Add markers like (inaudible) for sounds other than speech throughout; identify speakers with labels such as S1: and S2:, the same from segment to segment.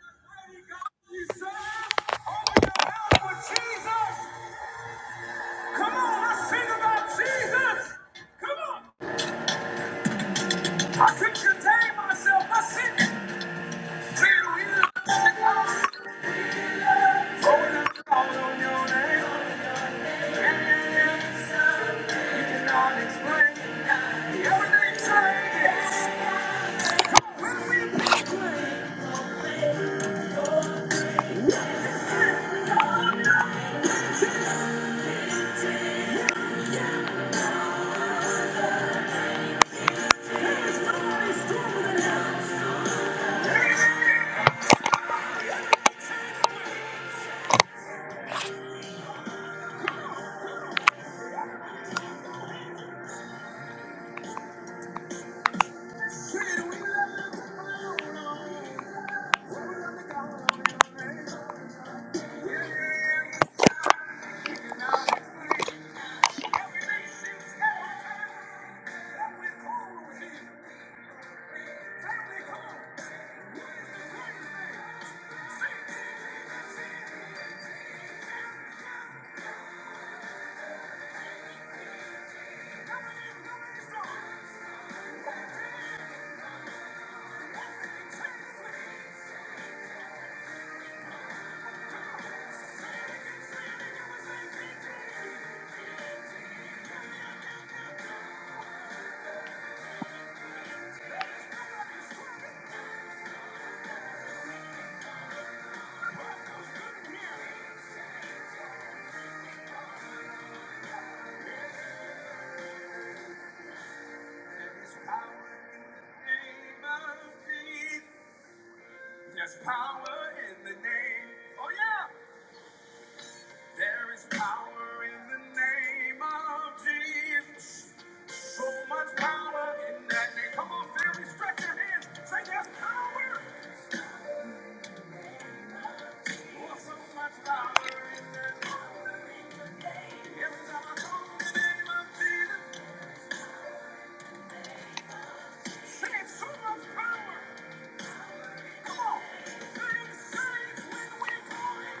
S1: Explain everything changes when we proclaim. Power in the name of peace. There's power in the name. Oh yeah. There is power in the name of Jesus. So much power in that name. Come on, family, stretch your hands. Say there's power. Oh, so much power in that name. Every time I call on the name of Jesus, say it's so much power. Come on. Things change when we call it.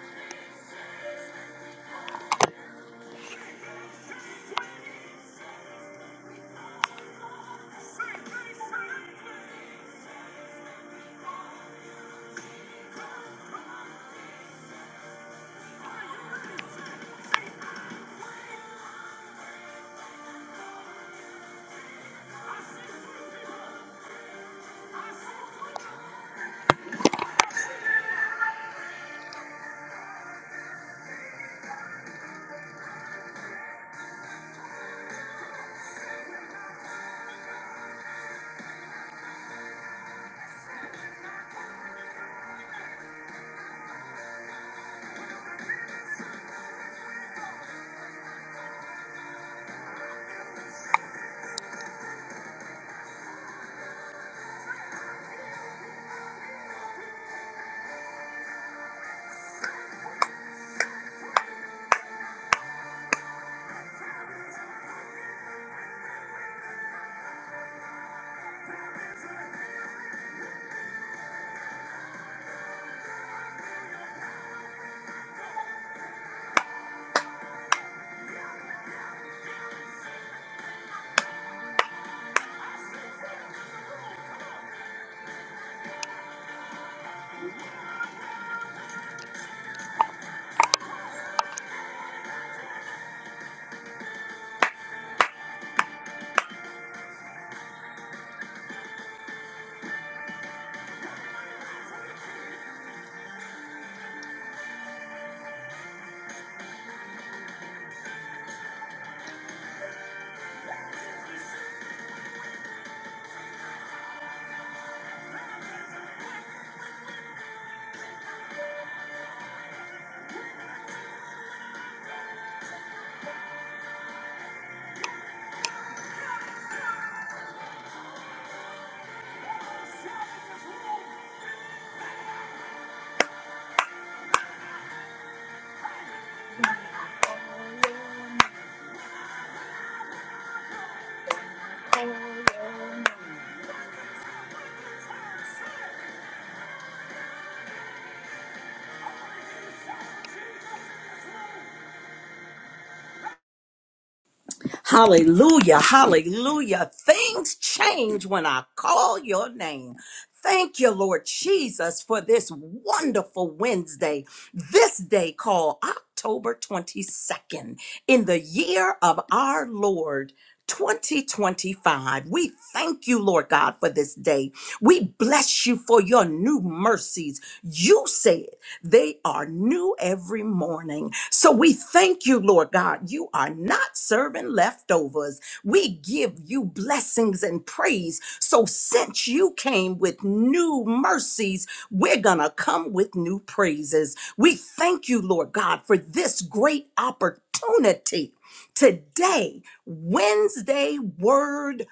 S1: Say it, say it, say it.
S2: Hallelujah. Hallelujah. Things change when I call your name. Thank you, Lord Jesus, for this wonderful Wednesday, this day called October 22nd, in the year of our Lord. 2025. We thank you, Lord God, for this day. We bless you for your new mercies. You said. They are new every morning. So we thank you, Lord God. You are not serving leftovers. We give you blessings and praise. So since you came with new mercies, we're going to come with new praises. We thank you, Lord God, for this great opportunity today, Wednesday Word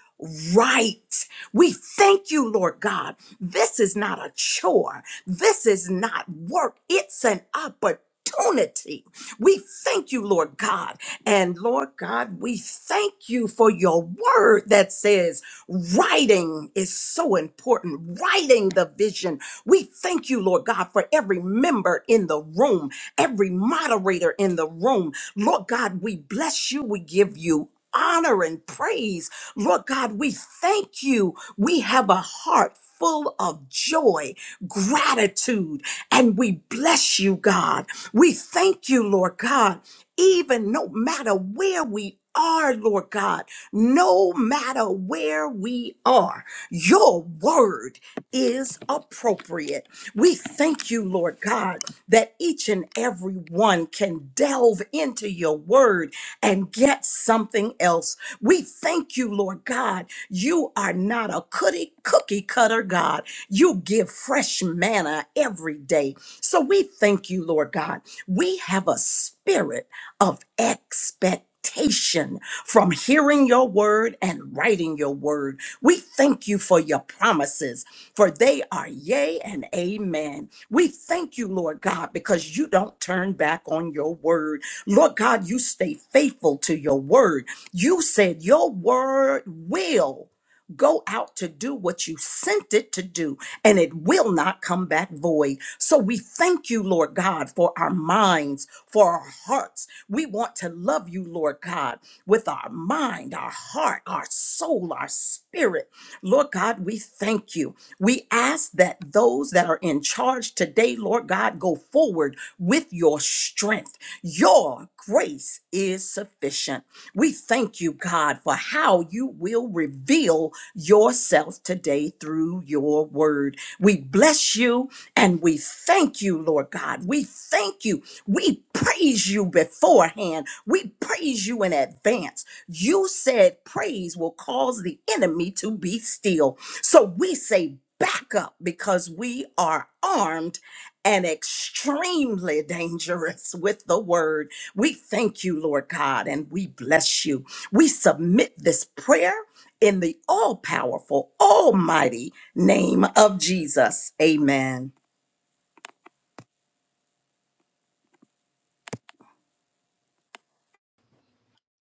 S2: Right. We thank you, Lord God. This is not a chore. This is not work, it's an opportunity. We thank you, Lord God. And Lord God, we thank you for your word that says writing is so important, writing the vision. We thank you, Lord God, for every member in the room, every moderator in the room. Lord God, we bless you, we give you. Honor and praise. Lord God, we thank you. We have a heart full of joy gratitude. And we bless you, God. We thank you, Lord God, even no matter where we are, Lord God, no matter where we are, your word is appropriate. We thank you, Lord God, that each and every one can delve into your word and get something else. We thank you, Lord God. You are not a cookie cookie cutter God. You give fresh manna every day. So we thank you, Lord God. We have a spirit of expectation from hearing your word and writing your word. We thank you for your promises, for they are yea and amen. We thank you, Lord God, because you don't turn back on your word. Lord God, you stay faithful to your word. You said your word will go out to do what you sent it to do and it will not come back void. So we thank you, Lord God, for our minds, for our hearts. We want to love you, Lord God, with our mind, our heart, our soul, our spirit. Lord God, we thank you. We ask that those that are in charge today, Lord God, go forward with your strength. Your grace is sufficient. We thank you, God, for how you will reveal yourself today through your word. We bless you and we thank you, Lord God. We thank you. We praise you beforehand. We praise you in advance. You said praise will cause the enemy to be still. So we say back up because we are armed and extremely (laughs) dangerous with the word. We thank you, Lord God, and we bless you. We submit this prayer in the all powerful, almighty, name of Jesus. Amen.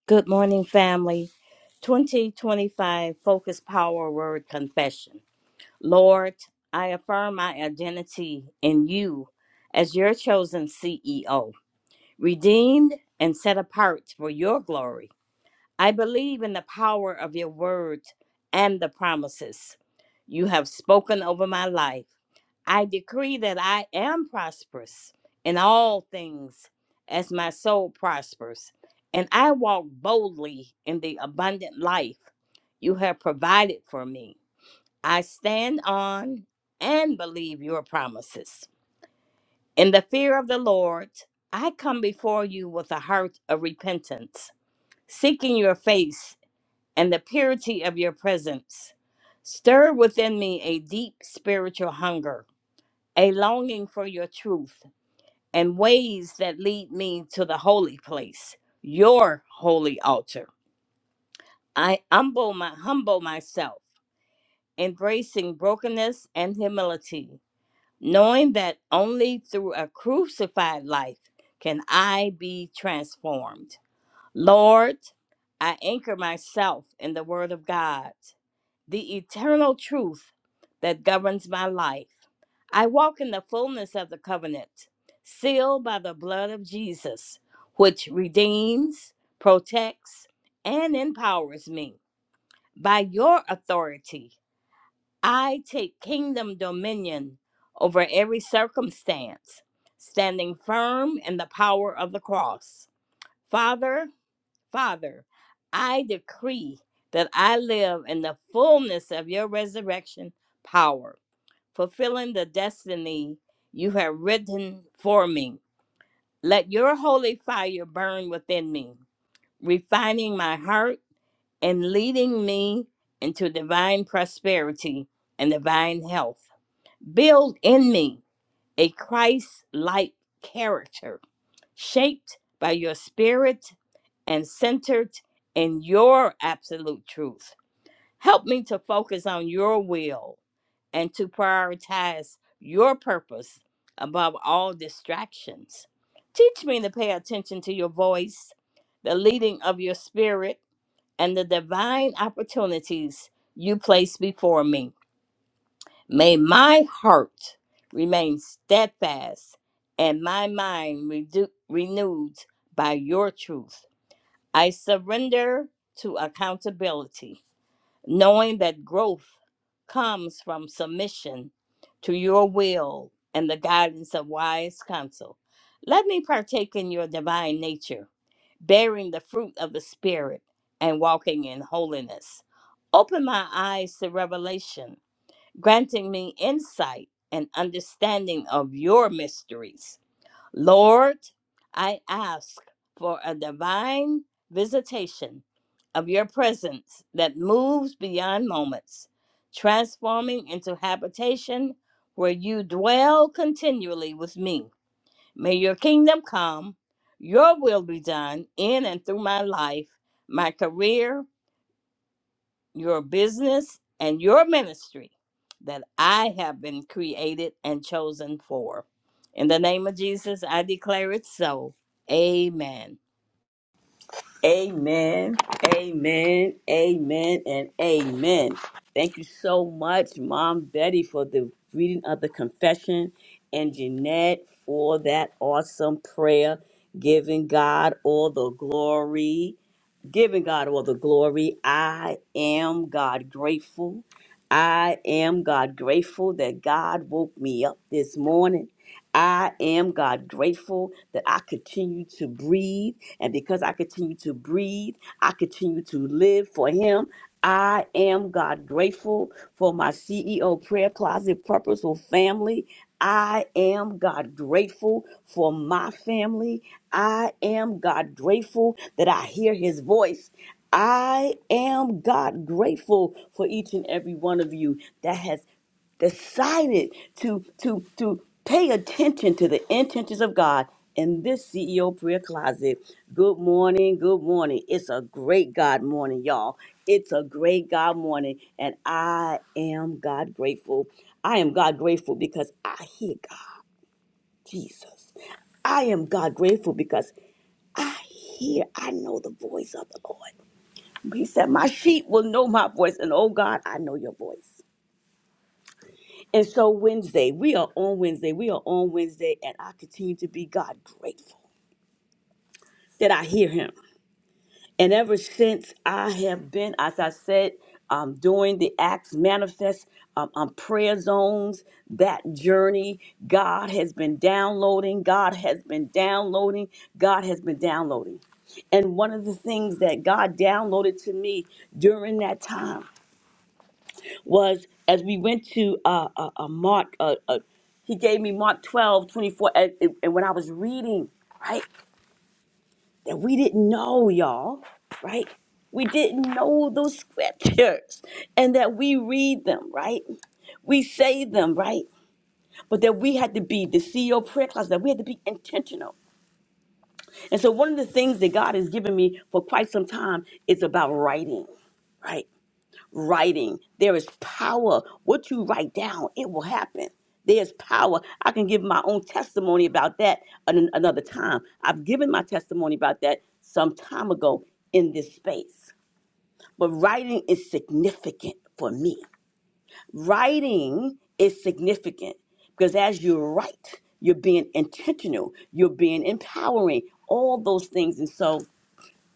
S3: Good morning, family. 2025 Focus Power Word Confession. Lord, I affirm my identity in you as your chosen CEO, redeemed and set apart for your glory. I believe in the power of your word and the promises you have spoken over my life. I decree that I am prosperous in all things as my soul prospers, and I walk boldly in the abundant life you have provided for me. I stand on and believe your promises. In the fear of the Lord, I come before you with a heart of repentance, seeking your face and the purity of your presence. Stir within me a deep spiritual hunger a longing for your truth and ways that lead me to the holy place, your holy altar. I humble, my, humble myself, embracing brokenness and humility, knowing that only through a crucified life can I be transformed. Lord, I anchor myself in the Word of God, the eternal truth that governs my life. I walk in the fullness of the covenant, sealed by the blood of Jesus, which redeems, protects, and empowers me. By your authority, I take kingdom dominion over every circumstance, standing firm in the power of the cross. Father, Father, I decree that I live in the fullness of your resurrection power, fulfilling the destiny you have written for me. Let your holy fire burn within me, refining my heart and leading me into divine prosperity and divine health. Build in me a Christ like character shaped by your spirit and centered in your absolute truth. Help me to focus on your will and to prioritize your purpose above all distractions. Teach me to pay attention to your voice, the leading of your spirit, and the divine opportunities you place before me. May my heart remain steadfast and my mind redu- renewed by your truth. I surrender to accountability, knowing that growth comes from submission to your will and the guidance of wise counsel. Let me partake in your divine nature, bearing the fruit of the Spirit and walking in holiness. Open my eyes to revelation, granting me insight and understanding of your mysteries. Lord, I ask for a divine visitation of your presence that moves beyond moments, transforming into habitation where you dwell continually with me. May your kingdom come, your will be done in and through my life, my career, your business and your ministry that I have been created and chosen for. In the name of Jesus, I declare it so. Amen.
S1: Amen, amen, amen, and amen. Thank you so much, Mom Betty, for the reading of the confession, and Jeanette for that awesome prayer, giving God all the glory. giving God all the glory. I am God grateful. I am God grateful that God woke me up this morning. I am God grateful that I continue to breathe. And because I continue to breathe, I continue to live for Him. I am God grateful for my CEO Prayer Closet Purposeful family. I am God grateful for my family. I am God grateful that I hear His voice. I am God grateful for each and every one of you that has decided to to to pay attention to the intentions of God in this CEO prayer closet. Good morning, good morning. It's a great God morning, y'all. It's a great God morning, and I am God grateful. I am God grateful because I hear God, Jesus. I am God grateful because I hear, I know the voice of the Lord. He said, My sheep will know my voice, and oh God, I know your voice. And so Wednesday, we are on Wednesday. We are on Wednesday, and I continue to be God grateful that I hear Him. And ever since I have been, as I said, um, doing the Acts Manifest um, um, prayer zones, that journey, God has been downloading. God has been downloading. God has been downloading. And one of the things that God downloaded to me during that time was as we went to uh, uh, uh, Mark, uh, uh, he gave me Mark 12 24 And, and and when I was reading, right, that we didn't know, y'all, right? We didn't know those scriptures and that we read them, right? We say them, right? But that we had to be the CEO prayer class, that we had to be intentional. And so, one of the things that God has given me for quite some time is about writing, right? writing. There is power. What you write down, it will happen. There's power. I can give my own testimony about that an- another time. I've given my testimony about that some time ago in this space. But writing is significant for me. Writing is significant because as you write, you're being intentional, you're being empowering, all those things. And so,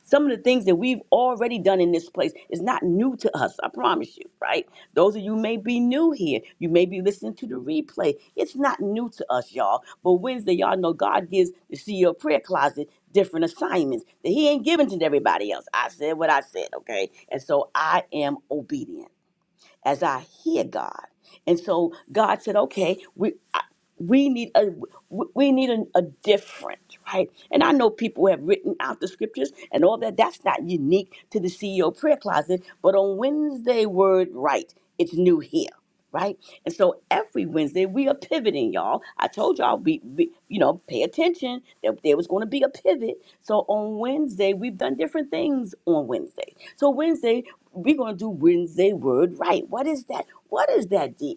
S1: some of the things that we've already done in this place is not new to us, I promise you, right? Those of you may be new here. You may be listening to the replay. It's not new to us, y'all. But Wednesday, y'all know God gives the CEO prayer closet different assignments that He ain't giving to everybody else. I said what I said, okay? And so I am obedient as I hear God. And so God said, okay, we we need a we need a, a different right and i know people have written out the scriptures and all that that's not unique to the ceo prayer closet but on wednesday word right it's new here right and so every wednesday we are pivoting y'all i told y'all we, we you know pay attention that there was going to be a pivot so on wednesday we've done different things on wednesday so wednesday we're going to do wednesday word right what is that what is that di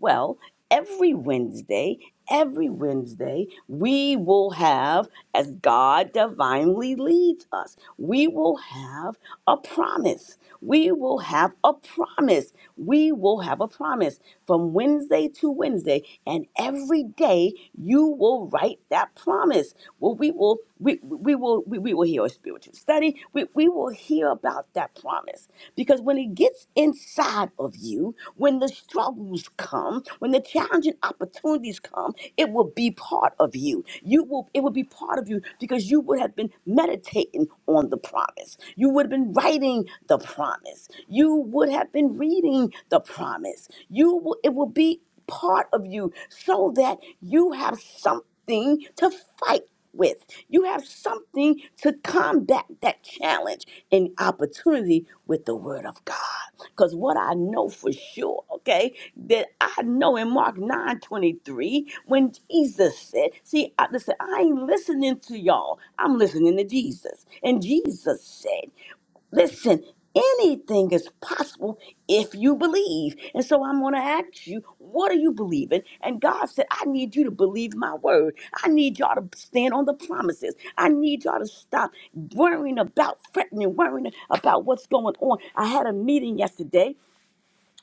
S1: well every Wednesday, every Wednesday, we will have, as God divinely leads us, we will have a promise. We will have a promise. We will have a promise from Wednesday to Wednesday. And every day you will write that promise. Well, we will we, we will we, we will hear a spiritual study. We, we will hear about that promise. Because when it gets inside of you, when the struggles come, when the challenging opportunities come, it will be part of you. You will it will be part of you because you would have been meditating on the promise. You would have been writing the promise. You would have been reading the promise. You will it will be part of you so that you have something to fight with. You have something to combat that challenge and opportunity with the word of God. Because what I know for sure, okay, that I know in Mark 9 23 when Jesus said, see, I, listen, I ain't listening to y'all. I'm listening to Jesus. And Jesus said, Listen, anything is possible if you believe. And so I'm going to ask you, what are you believing? And God said, I need you to believe my word. I need y'all to stand on the promises. I need y'all to stop worrying about threatening, worrying about what's going on. I had a meeting yesterday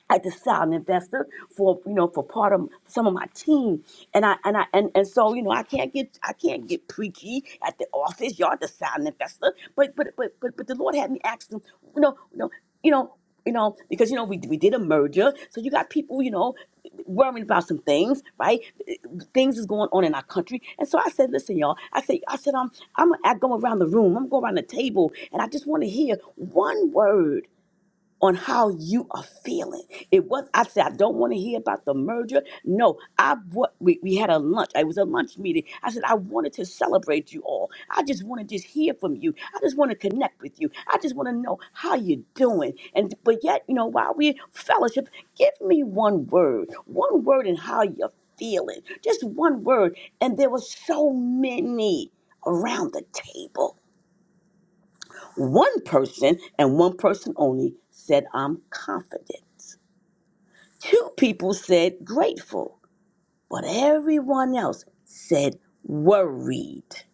S1: I had to sell an investor for you know for part of some of my team, and I and I and, and so you know I can't get I can't get preachy at the office. Y'all to sell an investor, but but but but but the Lord had me ask them, you know you know you know you know because you know we we did a merger, so you got people you know worrying about some things, right? Things is going on in our country, and so I said, listen, y'all. I said I said I'm I'm I go around the room, I'm going around the table, and I just want to hear one word on how you are feeling. It was I said I don't want to hear about the merger. No, I what we, we had a lunch. It was a lunch meeting. I said I wanted to celebrate you all. I just want to just hear from you. I just want to connect with you. I just want to know how you're doing. And but yet you know while we fellowship, give me one word, one word in how you're feeling. Just one word. And there were so many around the table. One person and one person only said, I'm confident. Two people said, grateful. But everyone else said, worried.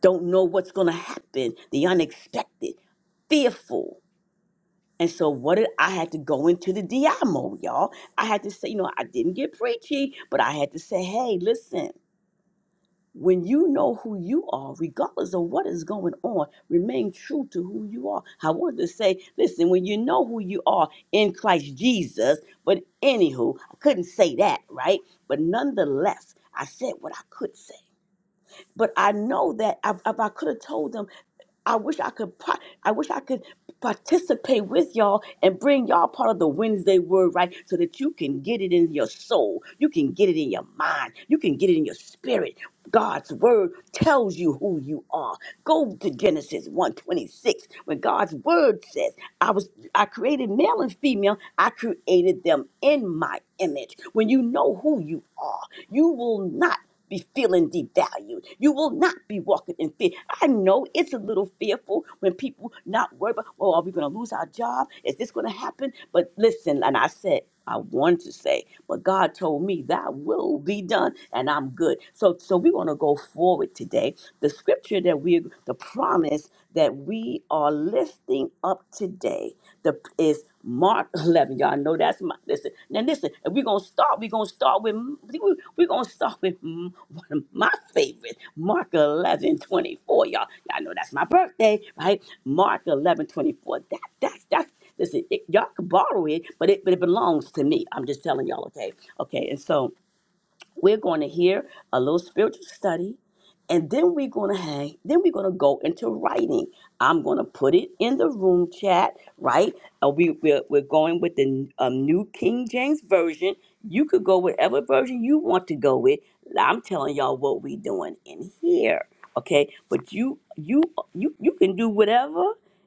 S1: Don't know what's going to happen, the unexpected, fearful. And so, what did I had to go into the DI mode, y'all? I had to say, you know, I didn't get preachy, but I had to say, hey, listen. When you know who you are, regardless of what is going on, remain true to who you are. I want to say, listen, when you know who you are in Christ Jesus, but anywho, I couldn't say that, right? But nonetheless, I said what I could say. But I know that if, if I could have told them, I wish I could. par- I wish I could participate with y'all and bring y'all part of the Wednesday word right, so that you can get it in your soul, you can get it in your mind, you can get it in your spirit. God's word tells you who you are. Go to Genesis one twenty six, when God's word says, "I was I created male and female. I created them in my image." When you know who you are, you will not be feeling devalued. You will not be walking in fear. I know it's a little fearful when people not worried about, oh, are we going to lose our job? Is this going to happen? But listen, and I said, I wanted to say, but God told me that will be done, and I'm good. So, so we want to go forward today. The scripture that we, the promise that we are lifting up today, the is Mark 11. Y'all know that's my, listen. Now listen, if we're going to start, we're going to start with, we're going to start with mm, one of my favorites, Mark eleven twenty-four, y'all. Y'all know that's my birthday, right? Mark 11 24. 24. That, that's, that's, listen, it, y'all can borrow it, but it, but it belongs to me. I'm just telling y'all, okay? Okay, and so, we're going to hear a little spiritual study and then we're going to hang then we're going to go into writing i'm going to put it in the room chat right Uh, we, we're, we're going with the um, new king james version you could go whatever version you want to go with i'm telling y'all what we're doing in here okay but you you you you can do whatever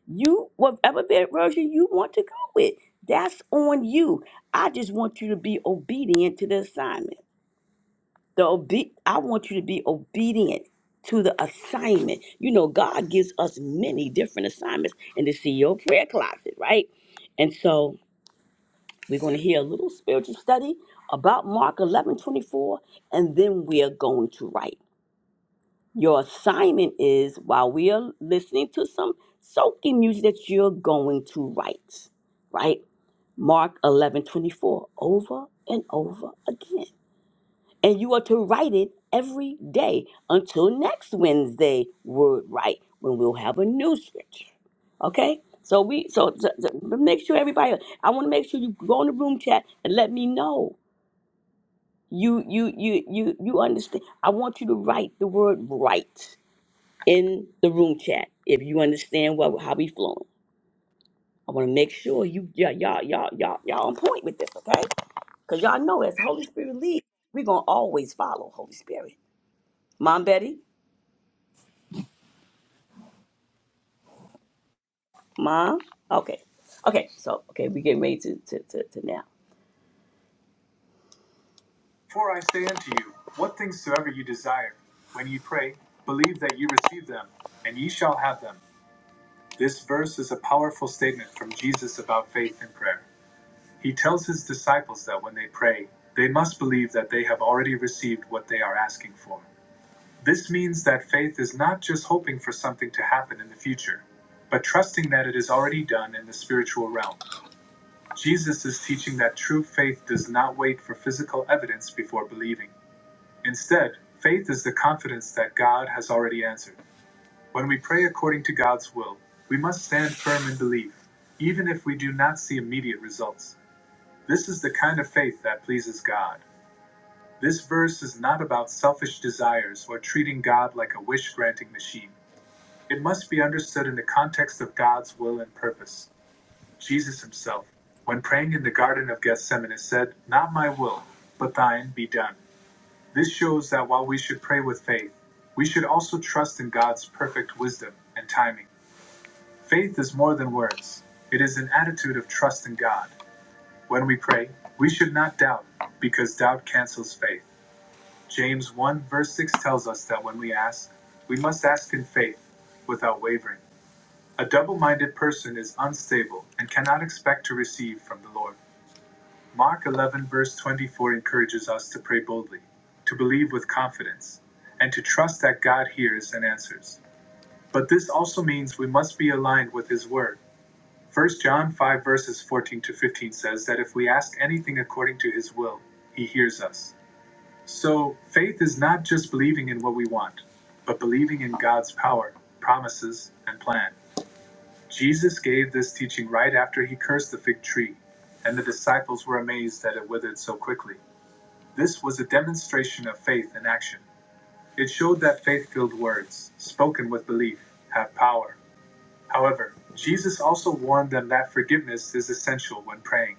S1: you whatever ver- version you want to go with that's on you i just want you to be obedient to the assignment the obe- I want you to be obedient to the assignment. You know, God gives us many different assignments in the CEO prayer closet, right? And so we're going to hear a little spiritual study about Mark 11 24, and then we are going to write. Your assignment is while we are listening to some soaking music that you're going to write, right? Mark 11 24 over and over again and you are to write it every day until next Wednesday word right when we'll have a new scripture. Okay? So we so, so, so make sure everybody I want to make sure you go in the room chat and let me know. You you you you you understand. I want you to write the word right in the room chat if you understand what how we flowing. I want to make sure you y'all y'all y'all y'all y'all on point with this, okay? Cause y'all know as the Holy Spirit leads, we're gonna always follow Holy Spirit. Mom Betty? Mom? Okay. Okay, so okay, we get ready to, to, to, to now. For I say unto you, what things soever you desire, when ye pray, believe that ye receive them, and ye shall have them. This verse is a powerful statement from Jesus about faith and prayer. He tells his disciples that when they pray, they must believe that they have already received what they are asking for. This means that faith is not just hoping for something to happen in the future, but trusting that it is already done in the spiritual realm. Jesus is teaching that true faith does not wait for physical evidence before believing. Instead, faith is the confidence that God has already answered. When we pray according to God's will, we must stand firm in belief, even if we do not see immediate results. This is the kind of faith that pleases God. This verse is not about selfish desires or treating God like a wish granting machine. It must be understood in the context of God's will and purpose. Jesus himself, when praying in the Garden of Gethsemane, said, Not my will, but thine be done. This shows that while we should pray with faith, we should also trust in God's perfect wisdom and timing. Faith is more than words, it is an attitude of trust in God. When we pray, we should not doubt, because doubt cancels faith. James 1 verse 6 tells us that when we ask, we must ask in faith, without wavering. A double minded person is unstable and cannot expect to receive from the Lord. Mark 11, verse 24 encourages us to pray boldly, to believe with confidence, and to trust that God hears and answers. But this also means we must be aligned with His Word. First John 5, verses 14 to 15 says that if we ask anything according to His will, He hears us. So, faith is not just believing in what we want, but believing in God's power, promises, and plan. Jesus gave this teaching right after He cursed the fig tree, and the disciples were amazed that it withered so quickly. This was a demonstration of faith in action. It showed that faith filled words, spoken with belief, have power. However, Jesus also warned them that forgiveness is essential when praying.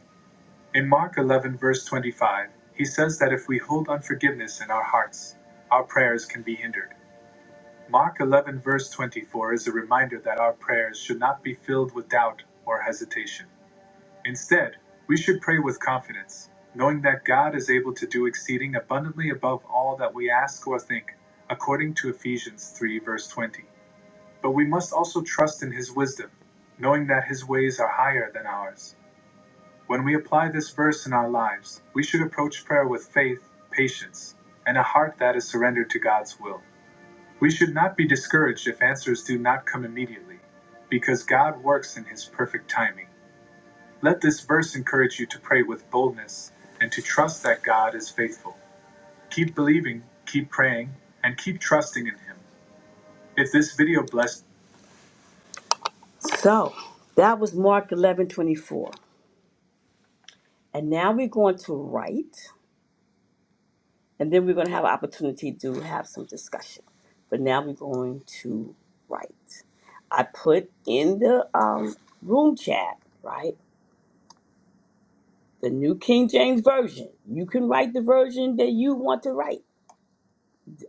S1: In Mark 11, verse 25, he says that if we hold unforgiveness in our hearts, our prayers can be hindered. Mark 11, verse 24 is a reminder that our prayers should not be filled with doubt or hesitation. Instead, we should pray with confidence, knowing that God is able to do exceeding abundantly above all that we ask or think, according to Ephesians 3, verse 20. But we must also trust in His wisdom, knowing that His ways are higher than ours. When we apply this verse in our lives, we should approach prayer with faith, patience, and a heart that is surrendered to God's will. We should not be discouraged if answers do not come immediately, because God works in His perfect timing. Let this verse encourage you to pray with boldness and to trust that God is faithful. Keep believing, keep praying, and keep trusting in Him. If this video blessed, So that was Mark eleven twenty four, And now we're going to write, and then we're going to have an opportunity to have some discussion. But now we're going to write. I put in the um, room chat, right? The New King James Version. You can write the version that you want to write.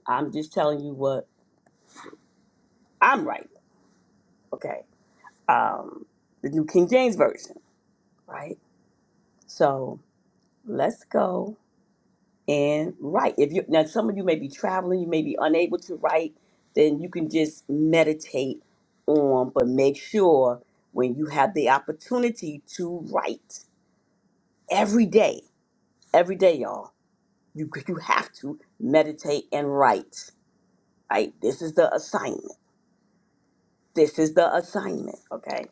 S1: I'm just telling you what I'm writing. Okay. Um, the New King James Version, right? So let's go and write. If you now some of you may be traveling, you may be unable to write, then you can just meditate on, but make sure when you have the opportunity to write every day, every day, y'all, you (laughs) you have to meditate and write. Right? This is the assignment. This is the assignment. Okay.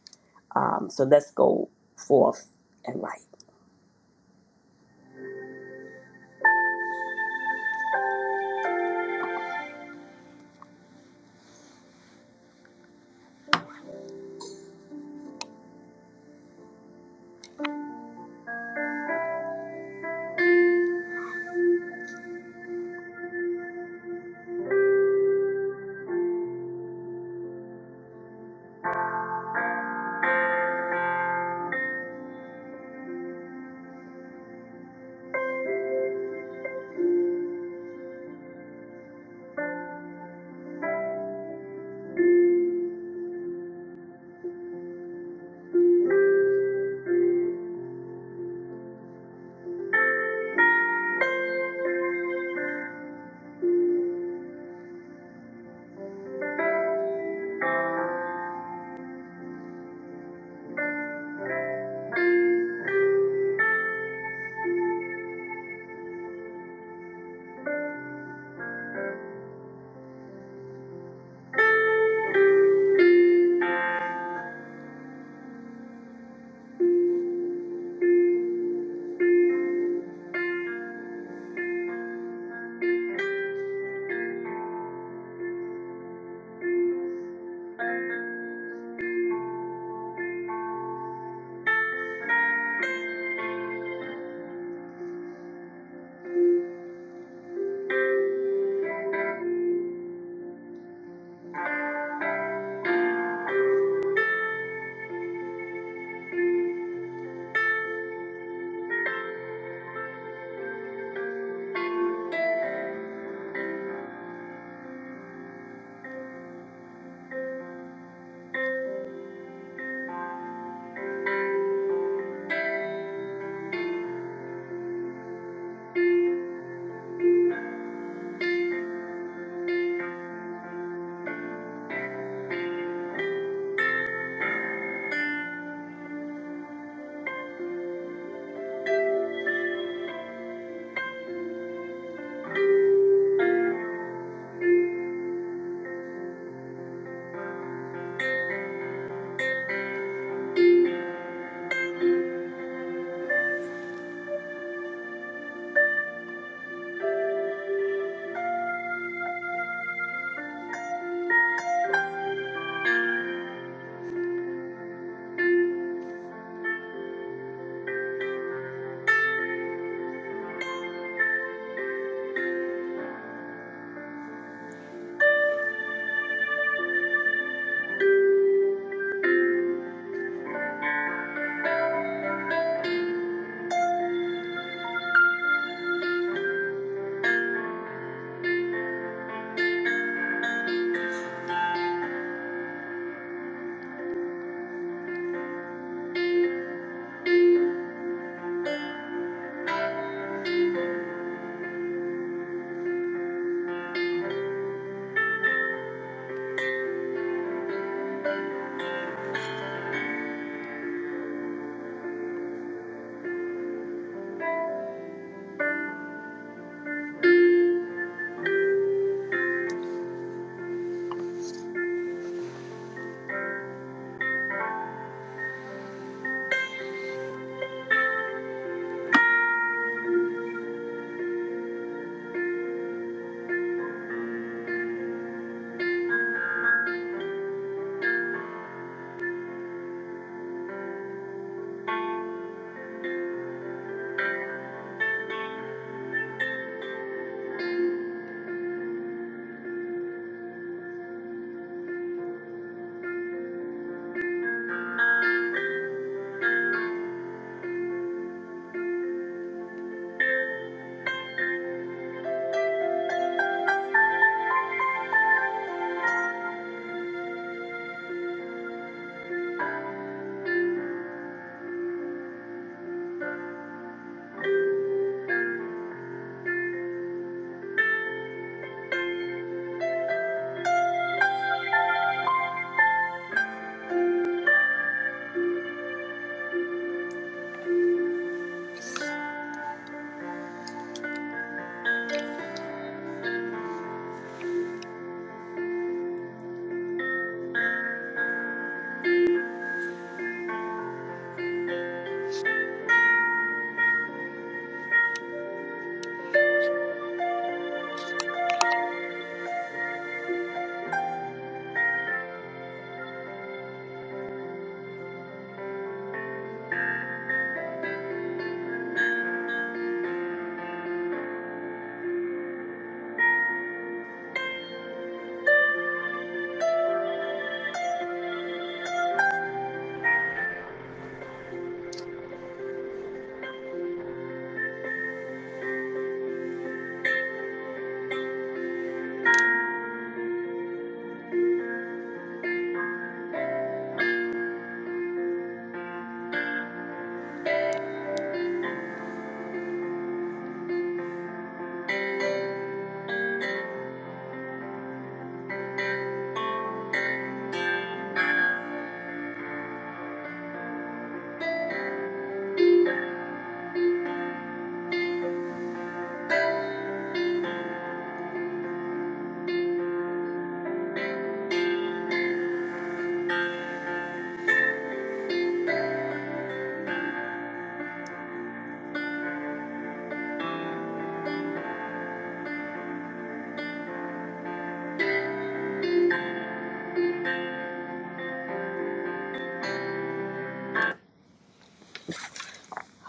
S1: Um, so let's go forth and write.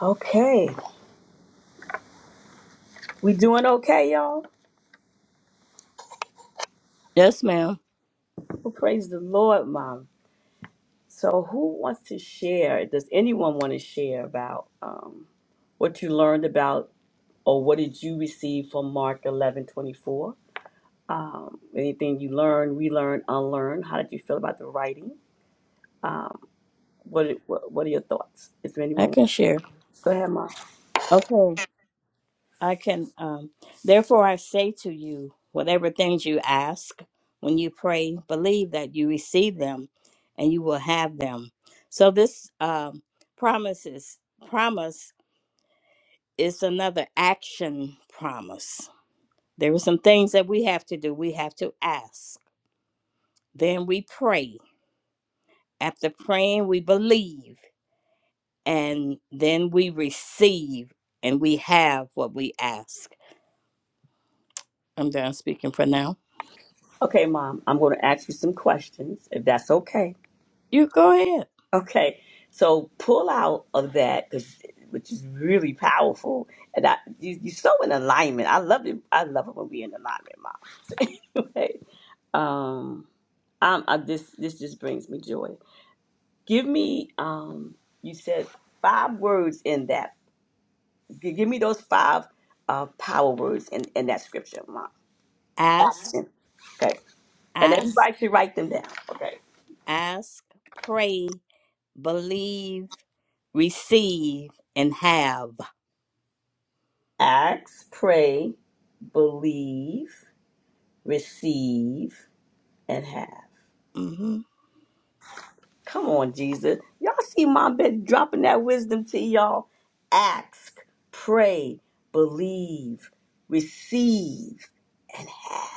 S1: Okay, we doing okay, y'all?
S3: Yes, ma'am.
S1: Well, praise the Lord, Mom. So, who wants to share? Does anyone want to share about um, what you learned about, or what did you receive from Mark eleven twenty four? Anything you learned, relearned, unlearned? How did you feel about the writing? What What, what are your thoughts? Is there
S3: I
S1: anyone?
S3: can share.
S1: Go ahead, Mom.
S3: Okay. I can. Um, Therefore, I say to you, whatever things you ask when you pray, believe that you receive them and you will have them. So, this um, promises, promise is another action promise There are some things that we have to do. We have to ask. Then we pray. After praying, we believe. And then we receive and we have what we ask. I'm done speaking for now.
S1: Okay, Mom. I'm going to ask you some questions, if that's okay.
S3: You go ahead.
S1: Okay, so pull out of that 'cause- which is really powerful, and I you, you're so in alignment. I love it. I love it when we are in alignment, mom. (laughs) So anyway, um, I'm, I, this this just brings me joy. Give me um, you said five words in that. Gi- Give me those five uh power words in in that scripture, mom.
S3: Ask,
S1: Action. Okay, and
S3: ask,
S1: everybody should write them down. Okay,
S3: ask, pray, believe, receive, and have.
S1: acts, pray, believe. receive, and have.
S3: hmm
S1: Come on, Jesus. Y'all see Mom been dropping that wisdom to y'all. Ask, pray, believe, receive, and have.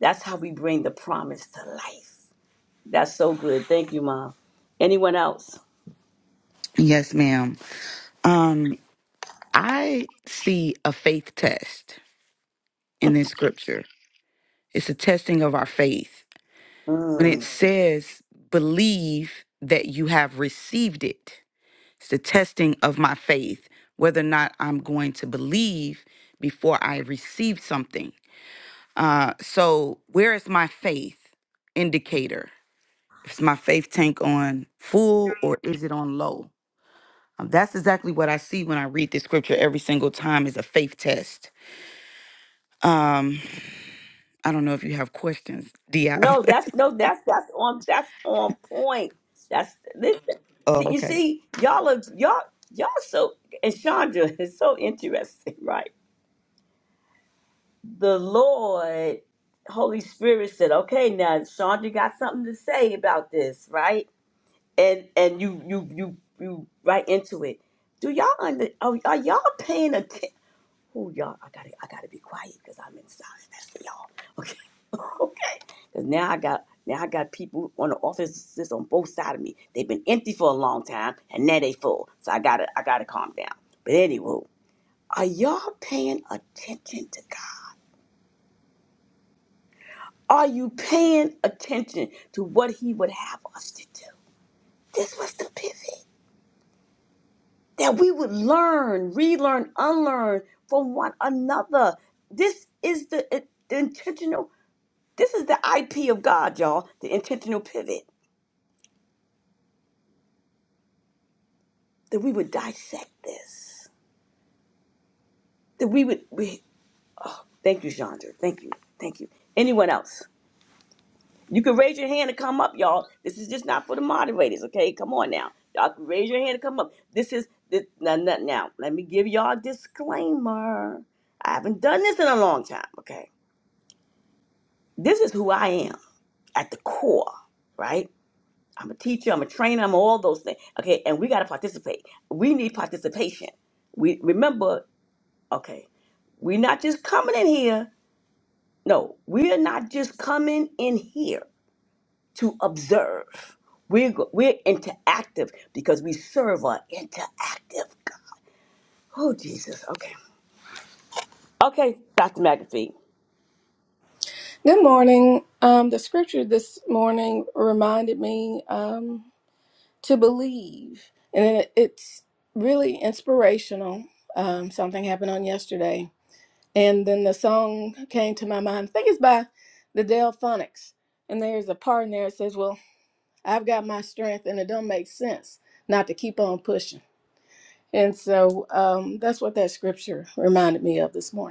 S1: That's how we bring the promise to life. That's so good. Thank you, Mom. Anyone else?
S4: Yes, ma'am. Um, I see a faith test in this scripture. It's a testing of our faith. When it
S1: Mm.
S4: says, believe that you have received it, it's the testing of my faith, whether or not I'm going to believe before I receive something. Uh, so, where is my faith indicator? Is my faith tank on full or is it on low? Um, that's exactly what I see when I read this scripture every single time is a faith test. Um, I don't know if you have questions. Do you have?
S1: No, that's no, that's that's on that's on point. That's listen.
S4: (laughs) oh,
S1: See, you
S4: okay.
S1: see, y'all are y'all y'all so and Chandra (laughs) is so interesting, right? the Lord, Holy Spirit said, "Okay, now Sean, you got something to say about this, right?" And and you you you you right into it. Do y'all under? Are, are y'all paying attention? Who y'all? I gotta I gotta be quiet because I'm inside. That's for y'all. Okay, (laughs) okay. Because now I got now I got people on the offices on both sides of me. They've been empty for a long time, and now they full. So I gotta I gotta calm down. But anywho, are y'all paying attention to God? Are you paying attention to what he would have us to do? This was the pivot that we would learn, relearn, unlearn from one another. This is the, the intentional, this is the IP of God, y'all, the intentional pivot that we would dissect this, that we would, we, thank you, Chandra. Thank you. Thank you. Anyone else? You can raise your hand to come up, y'all. This is just not for the moderators, okay? Come on now. Y'all can raise your hand to come up. This is this now, now, now let me give y'all a disclaimer. I haven't done this in a long time, okay? This is who I am at the core, right? I'm a teacher, I'm a trainer, I'm all those things. Okay, and we gotta participate. We need participation. We remember, okay, we're not just coming in here. No, we are not just coming in here. to observe. We're, go- we're interactive because we serve our interactive God. Oh, Jesus. Okay. Okay, Dr. McAfee.
S5: Good morning. Um, the scripture this morning reminded me um, to believe, and it, it's really inspirational. Um, something happened on yesterday, and then the song came to my mind. I think it's by the Delphonics, and there's a part in there that says, "Well, I've got my strength, and it don't make sense not to keep on pushing." And so um, that's what that scripture reminded me of this morning.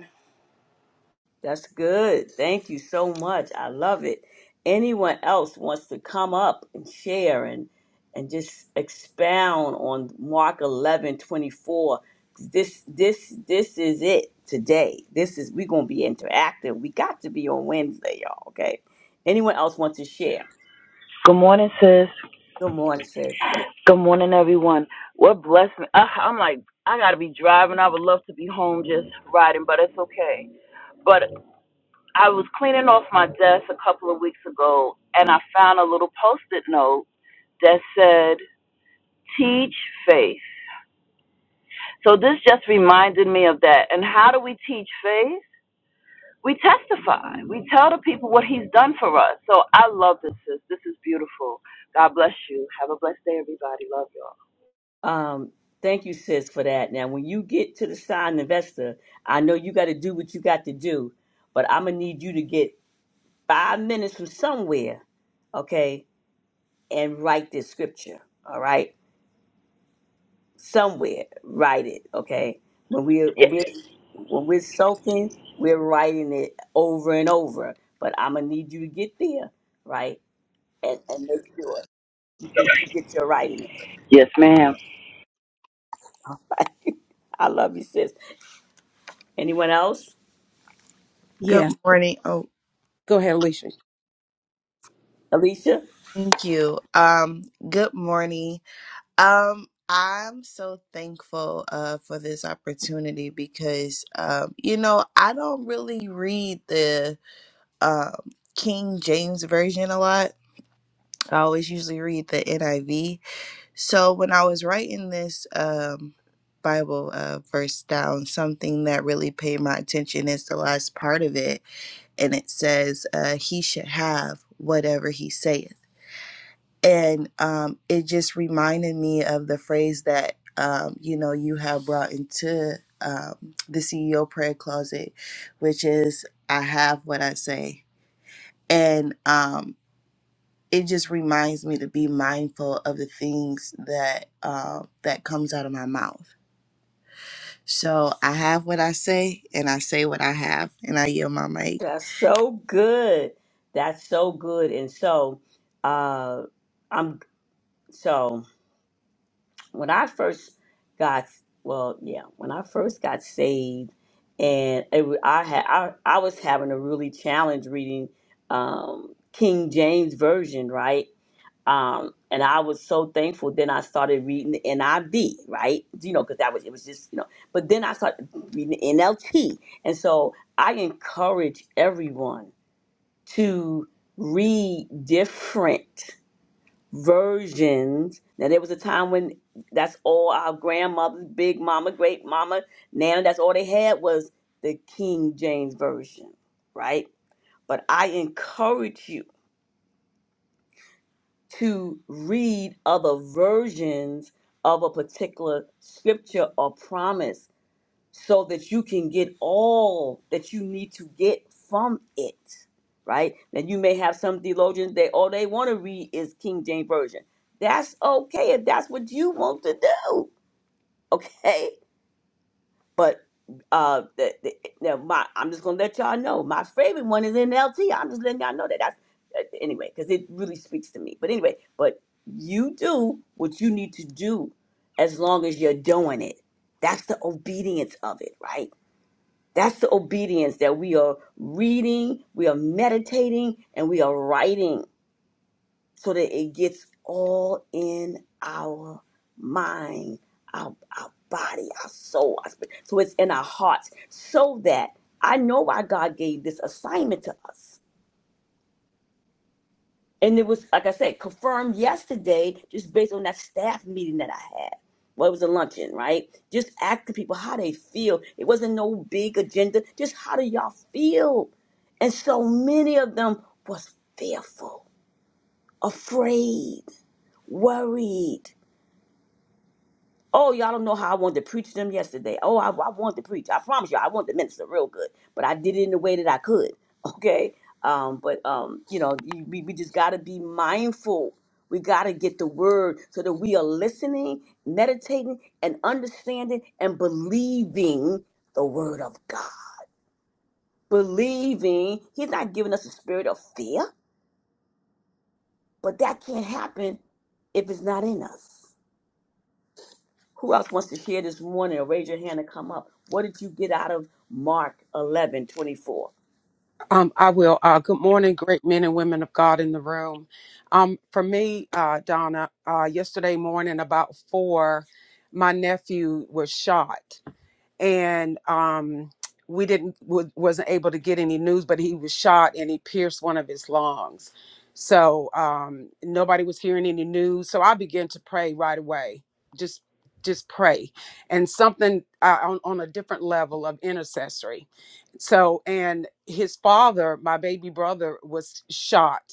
S1: That's good. Thank you so much. I love it. Anyone else wants to come up and share and and just expound on Mark 11 24? This this this is it today. This is we're gonna be interactive. We got to be on Wednesday, y'all. Okay. Anyone else want to share?
S6: Good morning, sis.
S1: Good morning, sis.
S6: Good morning, everyone. What blessed me. I, I'm like, I gotta be driving. I would love to be home just riding, but it's okay. But I was cleaning off my desk a couple of weeks ago, and I found a little post-it note that said, "Teach faith." So this just reminded me of that. And how do we teach faith? We testify. We tell the people what He's done for us. So I love this, sis. This is beautiful. God bless you. Have a blessed day, everybody. Love y'all.
S1: Um, thank you, sis, for that. Now, when you get to the sign investor, I know you got to do what you got to do, but I'm gonna need you to get five minutes from somewhere, okay, and write this scripture. All right, somewhere, write it. Okay, when we
S6: Yeah.
S1: when we when we're soaking, we're writing it over and over. But I'm gonna need you to get there, right, and, and make sure you get, you get your writing.
S6: Yes, ma'am.
S1: (laughs) I love you, sis. Anyone else,
S7: Good
S8: Yes,
S7: morning. Oh,
S8: go ahead, Alicia.
S1: Alicia?
S7: thank you. Um, good morning. Um, I'm so thankful uh for this opportunity because um, you know, I don't really read the um King James version a lot. I always usually read the NIV. So when I was writing this um Bible uh, verse down, something that really paid my attention is the last part of it, and it says, uh, "He should have whatever he saith." and um, it just reminded me of the phrase that um, you know you have brought into um, the CEO prayer closet, which is "I have what I say," and um, it just reminds me to be mindful of the things that uh, that comes out of my mouth. So I have what I say, and I say what I have, and I yield my mic.
S1: That's so good. That's so good. And so, uh, I'm so when I first got well, yeah, when I first got saved, and it, wa- I had I, I was having a really challenge reading um, King James version, right? Um, and I was so thankful. Then I started reading the NIV, right? You know, because that was it was just you know. But then I started reading the NLT, and so I encourage everyone to read different versions. Now there was a time when that's all our grandmothers, big mama, great mama, nana, that's all they had was the King James version, right? But I encourage you to read other versions of a particular scripture or promise so that you can get all that you need to get from it, right? Now you may have some theologians that all they want to read is King James Version. That's okay if that's what you want to do, okay? But uh, the, the, now my I'm just gonna let y'all know my favorite one is NLT. I'm just letting y'all know that that's uh, anyway because it really speaks to me. But anyway, but you do what you need to do as long as you're doing it. That's the obedience of it, right? That's the obedience that we are reading, we are meditating, and we are writing so that it gets all in our mind, our, our body, our soul, our spirit. So it's in our hearts so that I know why God gave this assignment to us. And it was, like I said, confirmed yesterday just based on that staff meeting that I had. Well, it was a luncheon, right? Just asking people how they feel. It wasn't no big agenda, just how do y'all feel? And so many of them was fearful, afraid, worried. Oh, y'all don't know how I wanted to preach to them yesterday. Oh, I, I wanted to preach. I promise you, I wanted to minister real good, but I did it in the way that I could. (laughs) Okay. Um, but um, you know, you- we, we just got to be mindful. We got to get the word so that we are listening, meditating, and understanding and believing the word of God. Believing He's not giving us a spirit of fear, but that can't happen if it's not in us. Who else wants to share this morning or raise your hand and come up? What did you get out of Mark eleven twenty four?
S8: Um, I will. Uh, good morning, great men and women of God in the room. Um, for me, uh, Donna, uh, yesterday morning about four, my nephew was shot, and um, we didn't w- wasn't able to get any news, but he was shot and he pierced one of his lungs. So um, nobody was hearing any news. So I began to pray right away, just just pray, and something uh, on on a different level of intercessory. So and his father, my baby brother, was shot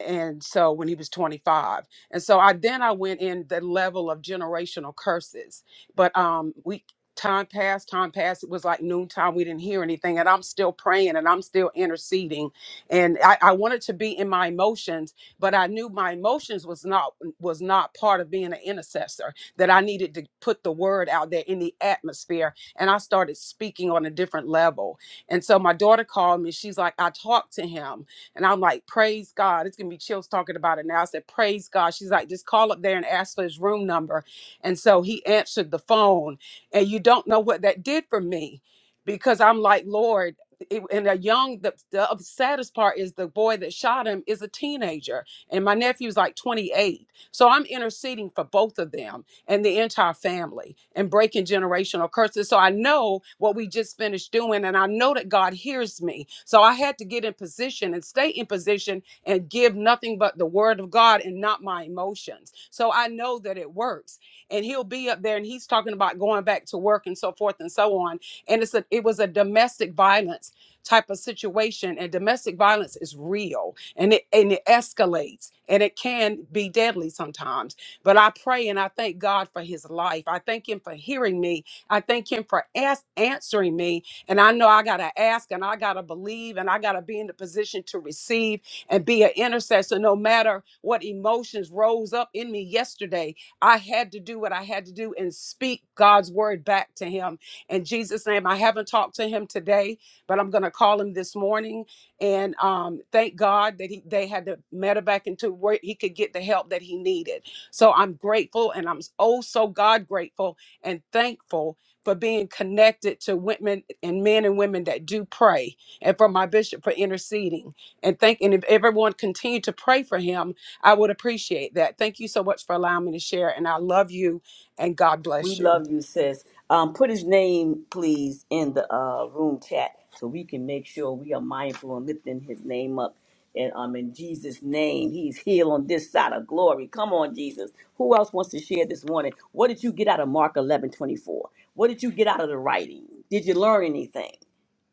S8: and so when he was 25 and so i then i went in the level of generational curses but um we time passed time passed it was like noontime we didn't hear anything and i'm still praying and i'm still interceding and i, I wanted to be in my emotions but i knew my emotions was not was not part of being an intercessor that i needed to put the word out there in the atmosphere and i started speaking on a different level and so my daughter called me she's like i talked to him and I'm like, praise God. It's gonna be chills talking about it now. I said, praise God. She's like, just call up there and ask for his room number. And so he answered the phone. And you don't know what that did for me because I'm like, Lord, it- and a young the, the saddest part is the boy that shot him is a teenager and my nephew's like 28 so i'm interceding for both of them and the entire family and breaking generational curses. So I know what we just finished doing, and I know that God hears me. So I had to get in position and stay in position and give nothing but the word of God and not my emotions. So I know that it works. And he'll be up there and he's talking about going back to work and so forth and so on. And it's a it was a domestic violence type of situation and domestic violence is real and it and it escalates and it can be deadly sometimes but I pray and I thank God for his life. I thank him for hearing me. I thank him for ask, answering me. And I know I got to ask and I got to believe and I got to be in the position to receive and be an intercessor no matter what emotions rose up in me yesterday. I had to do what I had to do and speak God's word back to him. In Jesus' name, I haven't talked to him today, but I'm going to call him this morning and um, thank God that he, they had the matter back into where he could get the help that he needed. So I'm grateful and I'm oh so God grateful and thankful for being connected to women and men and women that do pray and for my bishop for interceding and thank and if everyone continued to pray for him, I would appreciate that. Thank you so much for allowing me to share and I love you and God
S1: We
S8: bless you.
S1: love you, sis. Um, put his name, please, in the uh, room chat so we can make sure we are mindful and lifting his name up. And um, in Jesus' name, he's here on this side of glory. Come on, Jesus. Who else wants to share this morning? What did you get out of Mark 11 24? What did you get out of the writing? Did you learn anything?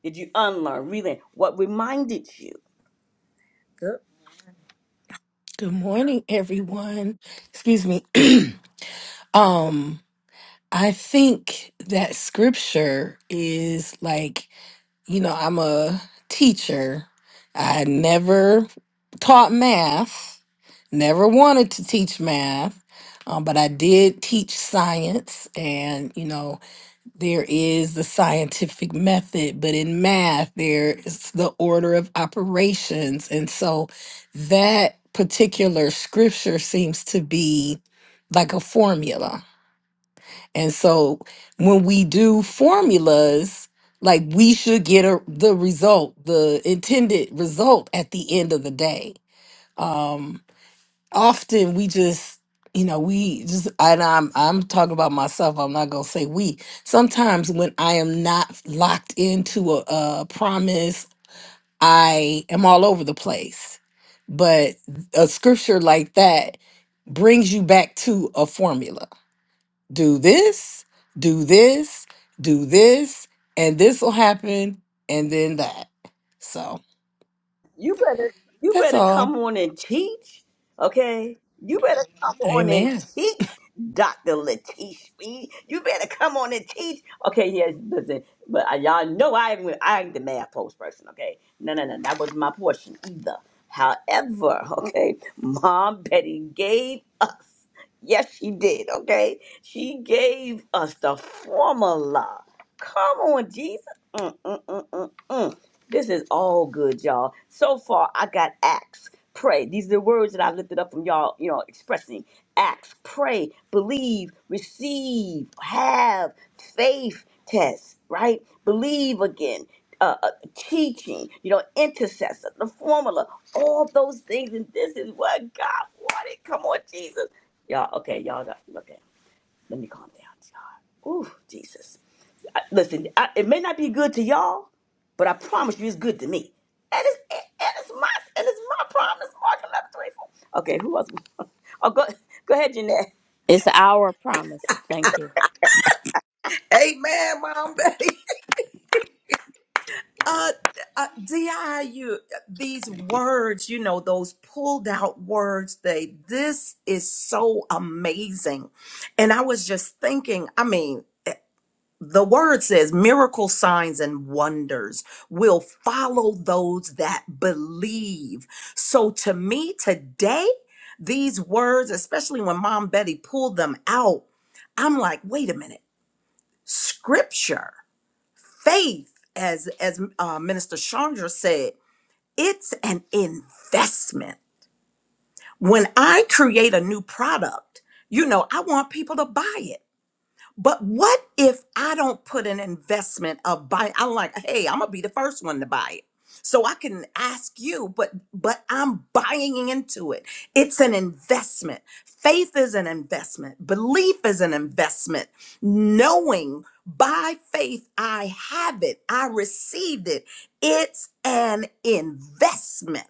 S1: Did you unlearn, relearn? What reminded you?
S2: Good.
S9: Good morning, everyone. Excuse me. (clears throat) um, I think that scripture is like, you know, I'm a teacher. I never taught math, never wanted to teach math, um, but I did teach science and, you know, there is the scientific method, but in math, there's the order of operations. And so that particular scripture seems to be like a formula. And so when we do formulas, like we should get a, the result, the intended result at the end of the day. Um, often we just you know we just and i'm i'm talking about myself i'm not gonna say we sometimes when i am not locked into a, a promise i am all over the place but a scripture like that brings you back to a formula do this do this do this and this will happen and then that so
S1: You better you
S9: that's
S1: better
S9: all
S1: come on and teach, okay? You better come on and
S9: amen
S1: teach, Dr. Latish Reed. You better come on and teach. Okay, yes, listen, but I, y'all know I ain't, I ain't the math post person, okay? No, no, no, that wasn't my portion either. However, okay, (laughs) Mom Betty gave us. Yes, she did. Okay. She gave us the formula. Come on, Jesus. Mm, mm, mm, mm, mm. This is all good, y'all. So far, I got acts, pray. These are the words that I lifted up from y'all, you know, expressing acts, pray, believe, receive, have, faith, test, right? Believe again. Uh, uh, teaching, you know, intercessor, the formula, all those things, and this is what God wanted. Come on, Jesus. Y'all, okay, y'all got, okay, let me calm down, y'all. Ooh, Jesus. I, listen, I, it may not be good to y'all, but I promise you it's good to me. And it's, it, and it's my, and it's my promise, Mark 11, 24. Okay, who else? (laughs) Oh, go, go ahead, Jeanette.
S3: It's our promise. Thank you.
S2: Amen, Mom Betty. (laughs) Uh, uh, DIU, these words, you know, those pulled out words, they, this is so amazing. And I was just thinking, I mean, the word says miracle signs and wonders will follow those that believe. So to me today, these words, especially when Mom Betty pulled them out, I'm like, wait a minute. scripture faith as as uh, minister chandra said it's an investment when i create a new product you know i want people to buy it but what if I don't put an investment of buy? I'm like, hey, I'm gonna be the first one to buy it. So I can ask you, but but I'm buying into it. It's an investment. Faith is an investment. Belief is an investment. Knowing by faith I have it, I received it. It's an investment.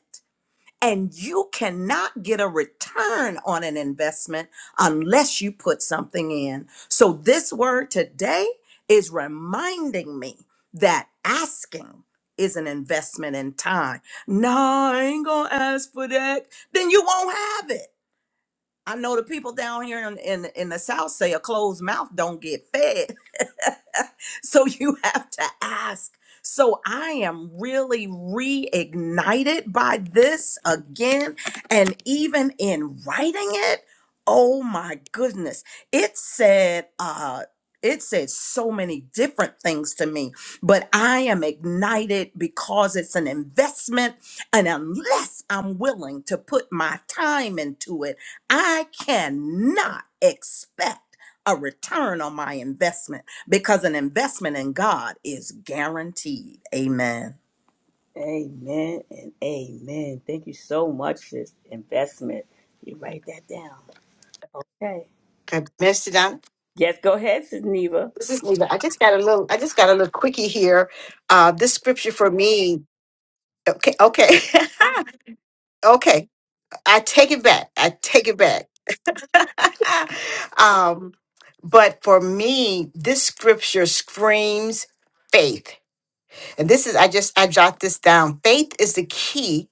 S2: And you cannot get a return on an investment unless you put something in. So, this word today is reminding me that asking is an investment in time. No, I ain't gonna ask for that. Then you won't have it. I know the people down here in, in, in the South say a closed mouth don't get fed. (laughs) So you have to ask. So I am really reignited by this again. And even in writing it, oh my goodness. It said, uh, it said so many different things to me, but I am ignited because it's an investment. And unless I'm willing to put my time into it, I cannot expect a return on my investment because an investment in God is guaranteed. Amen.
S1: Amen and amen. Thank you so much for this investment. You write that down. Okay.
S10: Okay, Minister Donna.
S1: Yes, go ahead, Sis Neva.
S10: This is Neva. I just got a little. I just got a little quickie here. Uh, this scripture for me. Okay, okay, (laughs) okay. I take it back. I take it back. (laughs) um, but for me, this scripture screams faith, and this is. I just. I jot this down. Faith is the key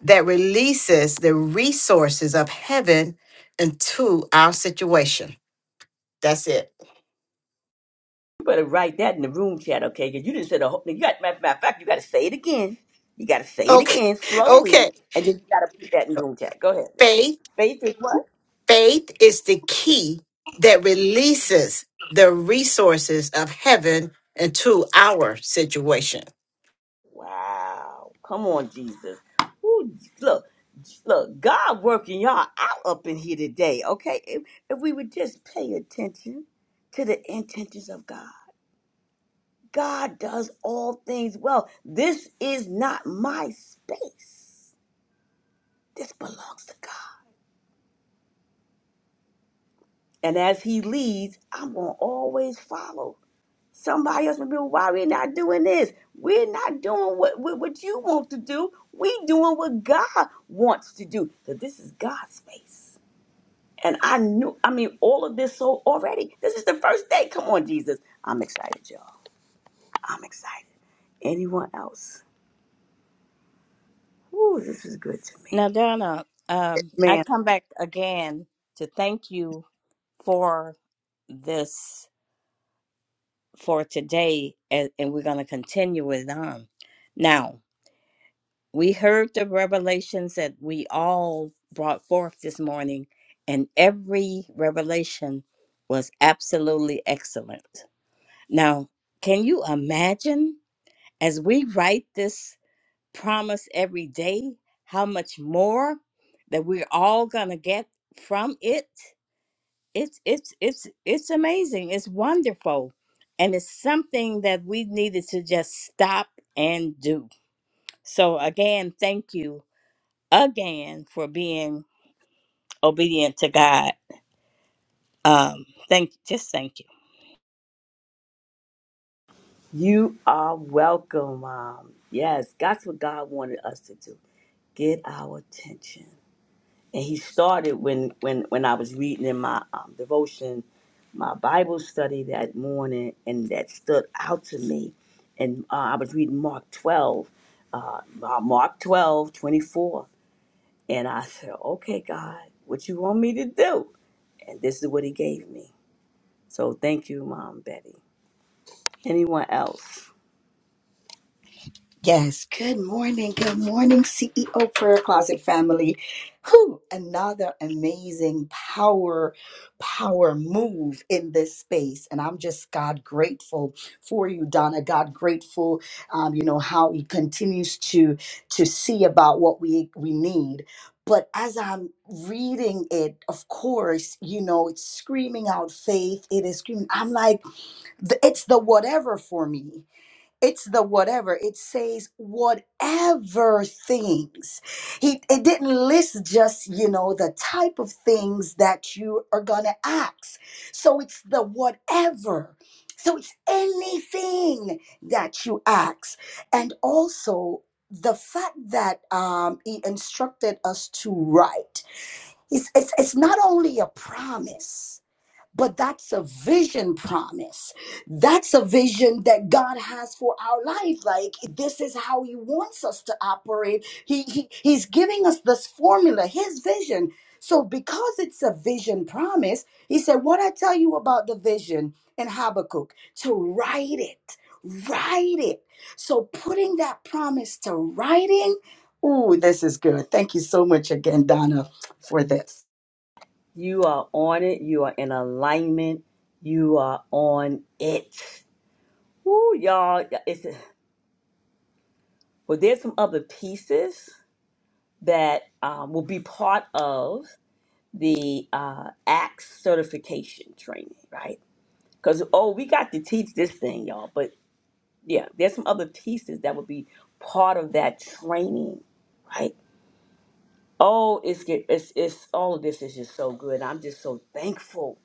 S10: that releases the resources of heaven into our situation. That's it.
S1: You better write that in the room chat, okay? Because you didn't say the whole. You got matter of fact, you got to say it again. You got to say it
S10: Okay.
S1: again
S10: (laughs)
S1: slowly,
S10: Okay.
S1: and then you got to put that in the room chat. Go ahead, now.
S10: Faith
S1: Faith is what?
S10: Faith is the key that releases the resources of heaven into our situation.
S1: Wow! Come on, Jesus. Ooh, look, look, God working y'all out up in here today, okay? If, if we would just pay attention to the intentions of God, God does all things well. This is not my space. This belongs to God. And as he leads, I'm going to always follow. Somebody else will be, why we not doing this? We're not doing what, what, what you want to do. We doing what God wants to do. Because this is God's space. And I knew, I mean, all of this so already. This is the first day. Come on, Jesus. I'm excited, y'all. I'm excited. Anyone else? Ooh, this is good to me.
S3: Now, Donna, um, I
S1: Man,
S3: come back again to thank you for this for today and, and we're going to continue it on now we heard the revelations that we all brought forth this morning and every revelation was absolutely excellent now can you imagine as we write this promise every day how much more that we're all going to get from it it's it's it's it's amazing it's wonderful and it's something that we needed to just stop and do so again thank you again for being obedient to god um thank just thank you
S1: you are welcome, Mom. Yes, that's what God wanted us to do. Get our attention. and he started when when when I was reading in my um, devotion, my Bible study that morning, and that stood out to me. And uh, I was reading Mark twelve, uh, uh, Mark 12 24, and I said, "Okay, God, what you want me to do?" And this is what He gave me. So thank you, Mom Betty. Anyone else?
S11: Yes, good morning. Good morning, CEO Prayer Closet family. Whew, another amazing power, power move in this space. And I'm just God grateful for you, Donna. God grateful, um, you know, how he continues to to see about what we we need. But as I'm reading it, of course, you know, it's screaming out faith. It is screaming. I'm like, th- it's the whatever for me it's the whatever it says whatever things he it didn't list just you know the type of things that you are gonna ask so it's the whatever so it's anything that you ask and also the fact that um, he instructed us to write it's, it's, it's not only a promise but that's a vision promise. That's a vision that God has for our life. Like this is how He wants us to operate. He, he He's giving us this formula, His vision. So because it's a vision promise, He said, "What I tell you about the vision in Habakkuk, to write it, write it." So putting that promise to writing. Ooh, this is good. Thank you so much again, Donna, for this.
S1: You are on it. You are in alignment. You are on it. Woo, y'all! It's Well, there's some other pieces that um, will be part of the uh, ACTS certification training, right? Because, oh, we got to teach this thing, y'all. But yeah, there's some other pieces that will be part of that training, right? Oh, it's, get- it's, it's all of this is just so good. I'm just so thankful.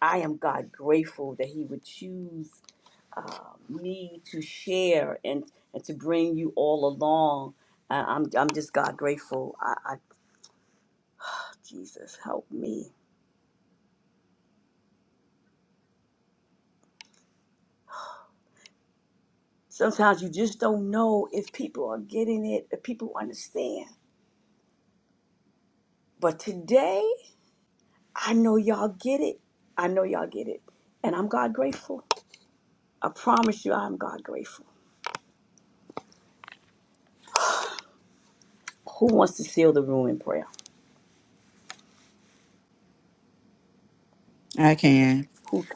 S1: I am God grateful that He would choose me to share and, and to bring you all along I- I'm I'm just God grateful. I, Jesus, help me. Sometimes you just don't know if people are getting it, if people understand. But today, I know y'all get it. I know y'all get it. And I'm God grateful. I promise you, I'm God grateful. Who wants to seal the room in prayer?
S4: I can.
S1: Who?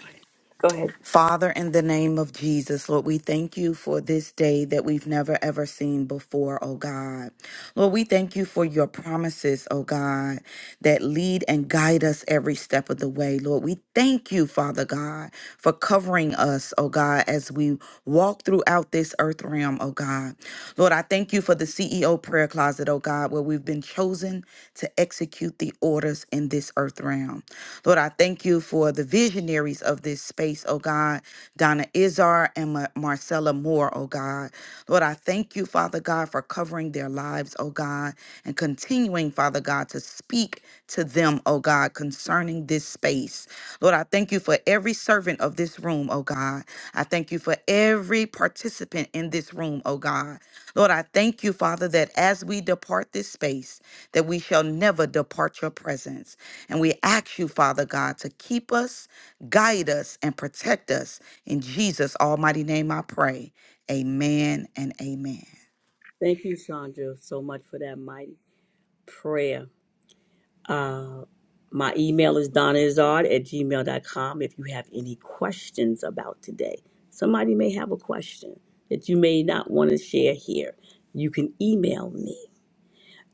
S1: Go ahead.
S4: Father, in the name of Jesus, Lord, we thank you for this day that we've never ever seen before, oh God. Lord, we thank you for your promises, oh God, that lead and guide us every step of the way. Lord, we thank you, Father God, for covering us, oh God, as we walk throughout this earth realm, oh God. Lord, I thank you for the CEO prayer closet, oh God, where we've been chosen to execute the orders in this earth realm. Lord, I thank you for the visionaries of this space, oh God, Donna Izar and Ma- Marcella Moore, oh God. Lord, I thank you, Father God, for covering their lives, oh God, and continuing, Father God, to speak to them, oh God, concerning this space. Lord, I thank you for every servant of this room, oh God. I thank you for every participant in this room, oh God. Lord, I thank you, Father, that as we depart this space, that we shall never depart your presence. And we ask you, Father God, to keep us, guide us, and protect us. In Jesus' almighty name I pray. Amen and amen.
S1: Thank you, Sandra, so much for that mighty prayer. My email is donnaizard at gmail dot com. if you have any questions about today. Somebody may have a question that you may not want to share here. You can email me.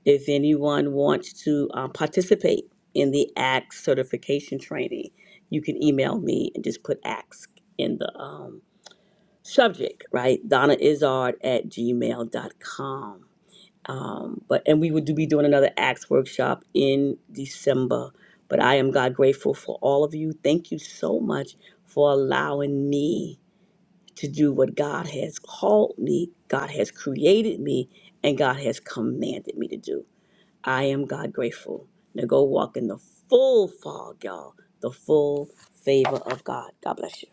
S1: If anyone wants to uh, participate in the ACT certification training, you can email me and just put ASK in the um, subject, right? donnaizard at gmail dot com. Um, but and we would do, be doing another Acts workshop in December. But I am God grateful for all of you. Thank you so much for allowing me to do what God has called me, God has created me, and God has commanded me to do. I am God grateful. Now go walk in the full fog, y'all, the full favor of God. God bless you.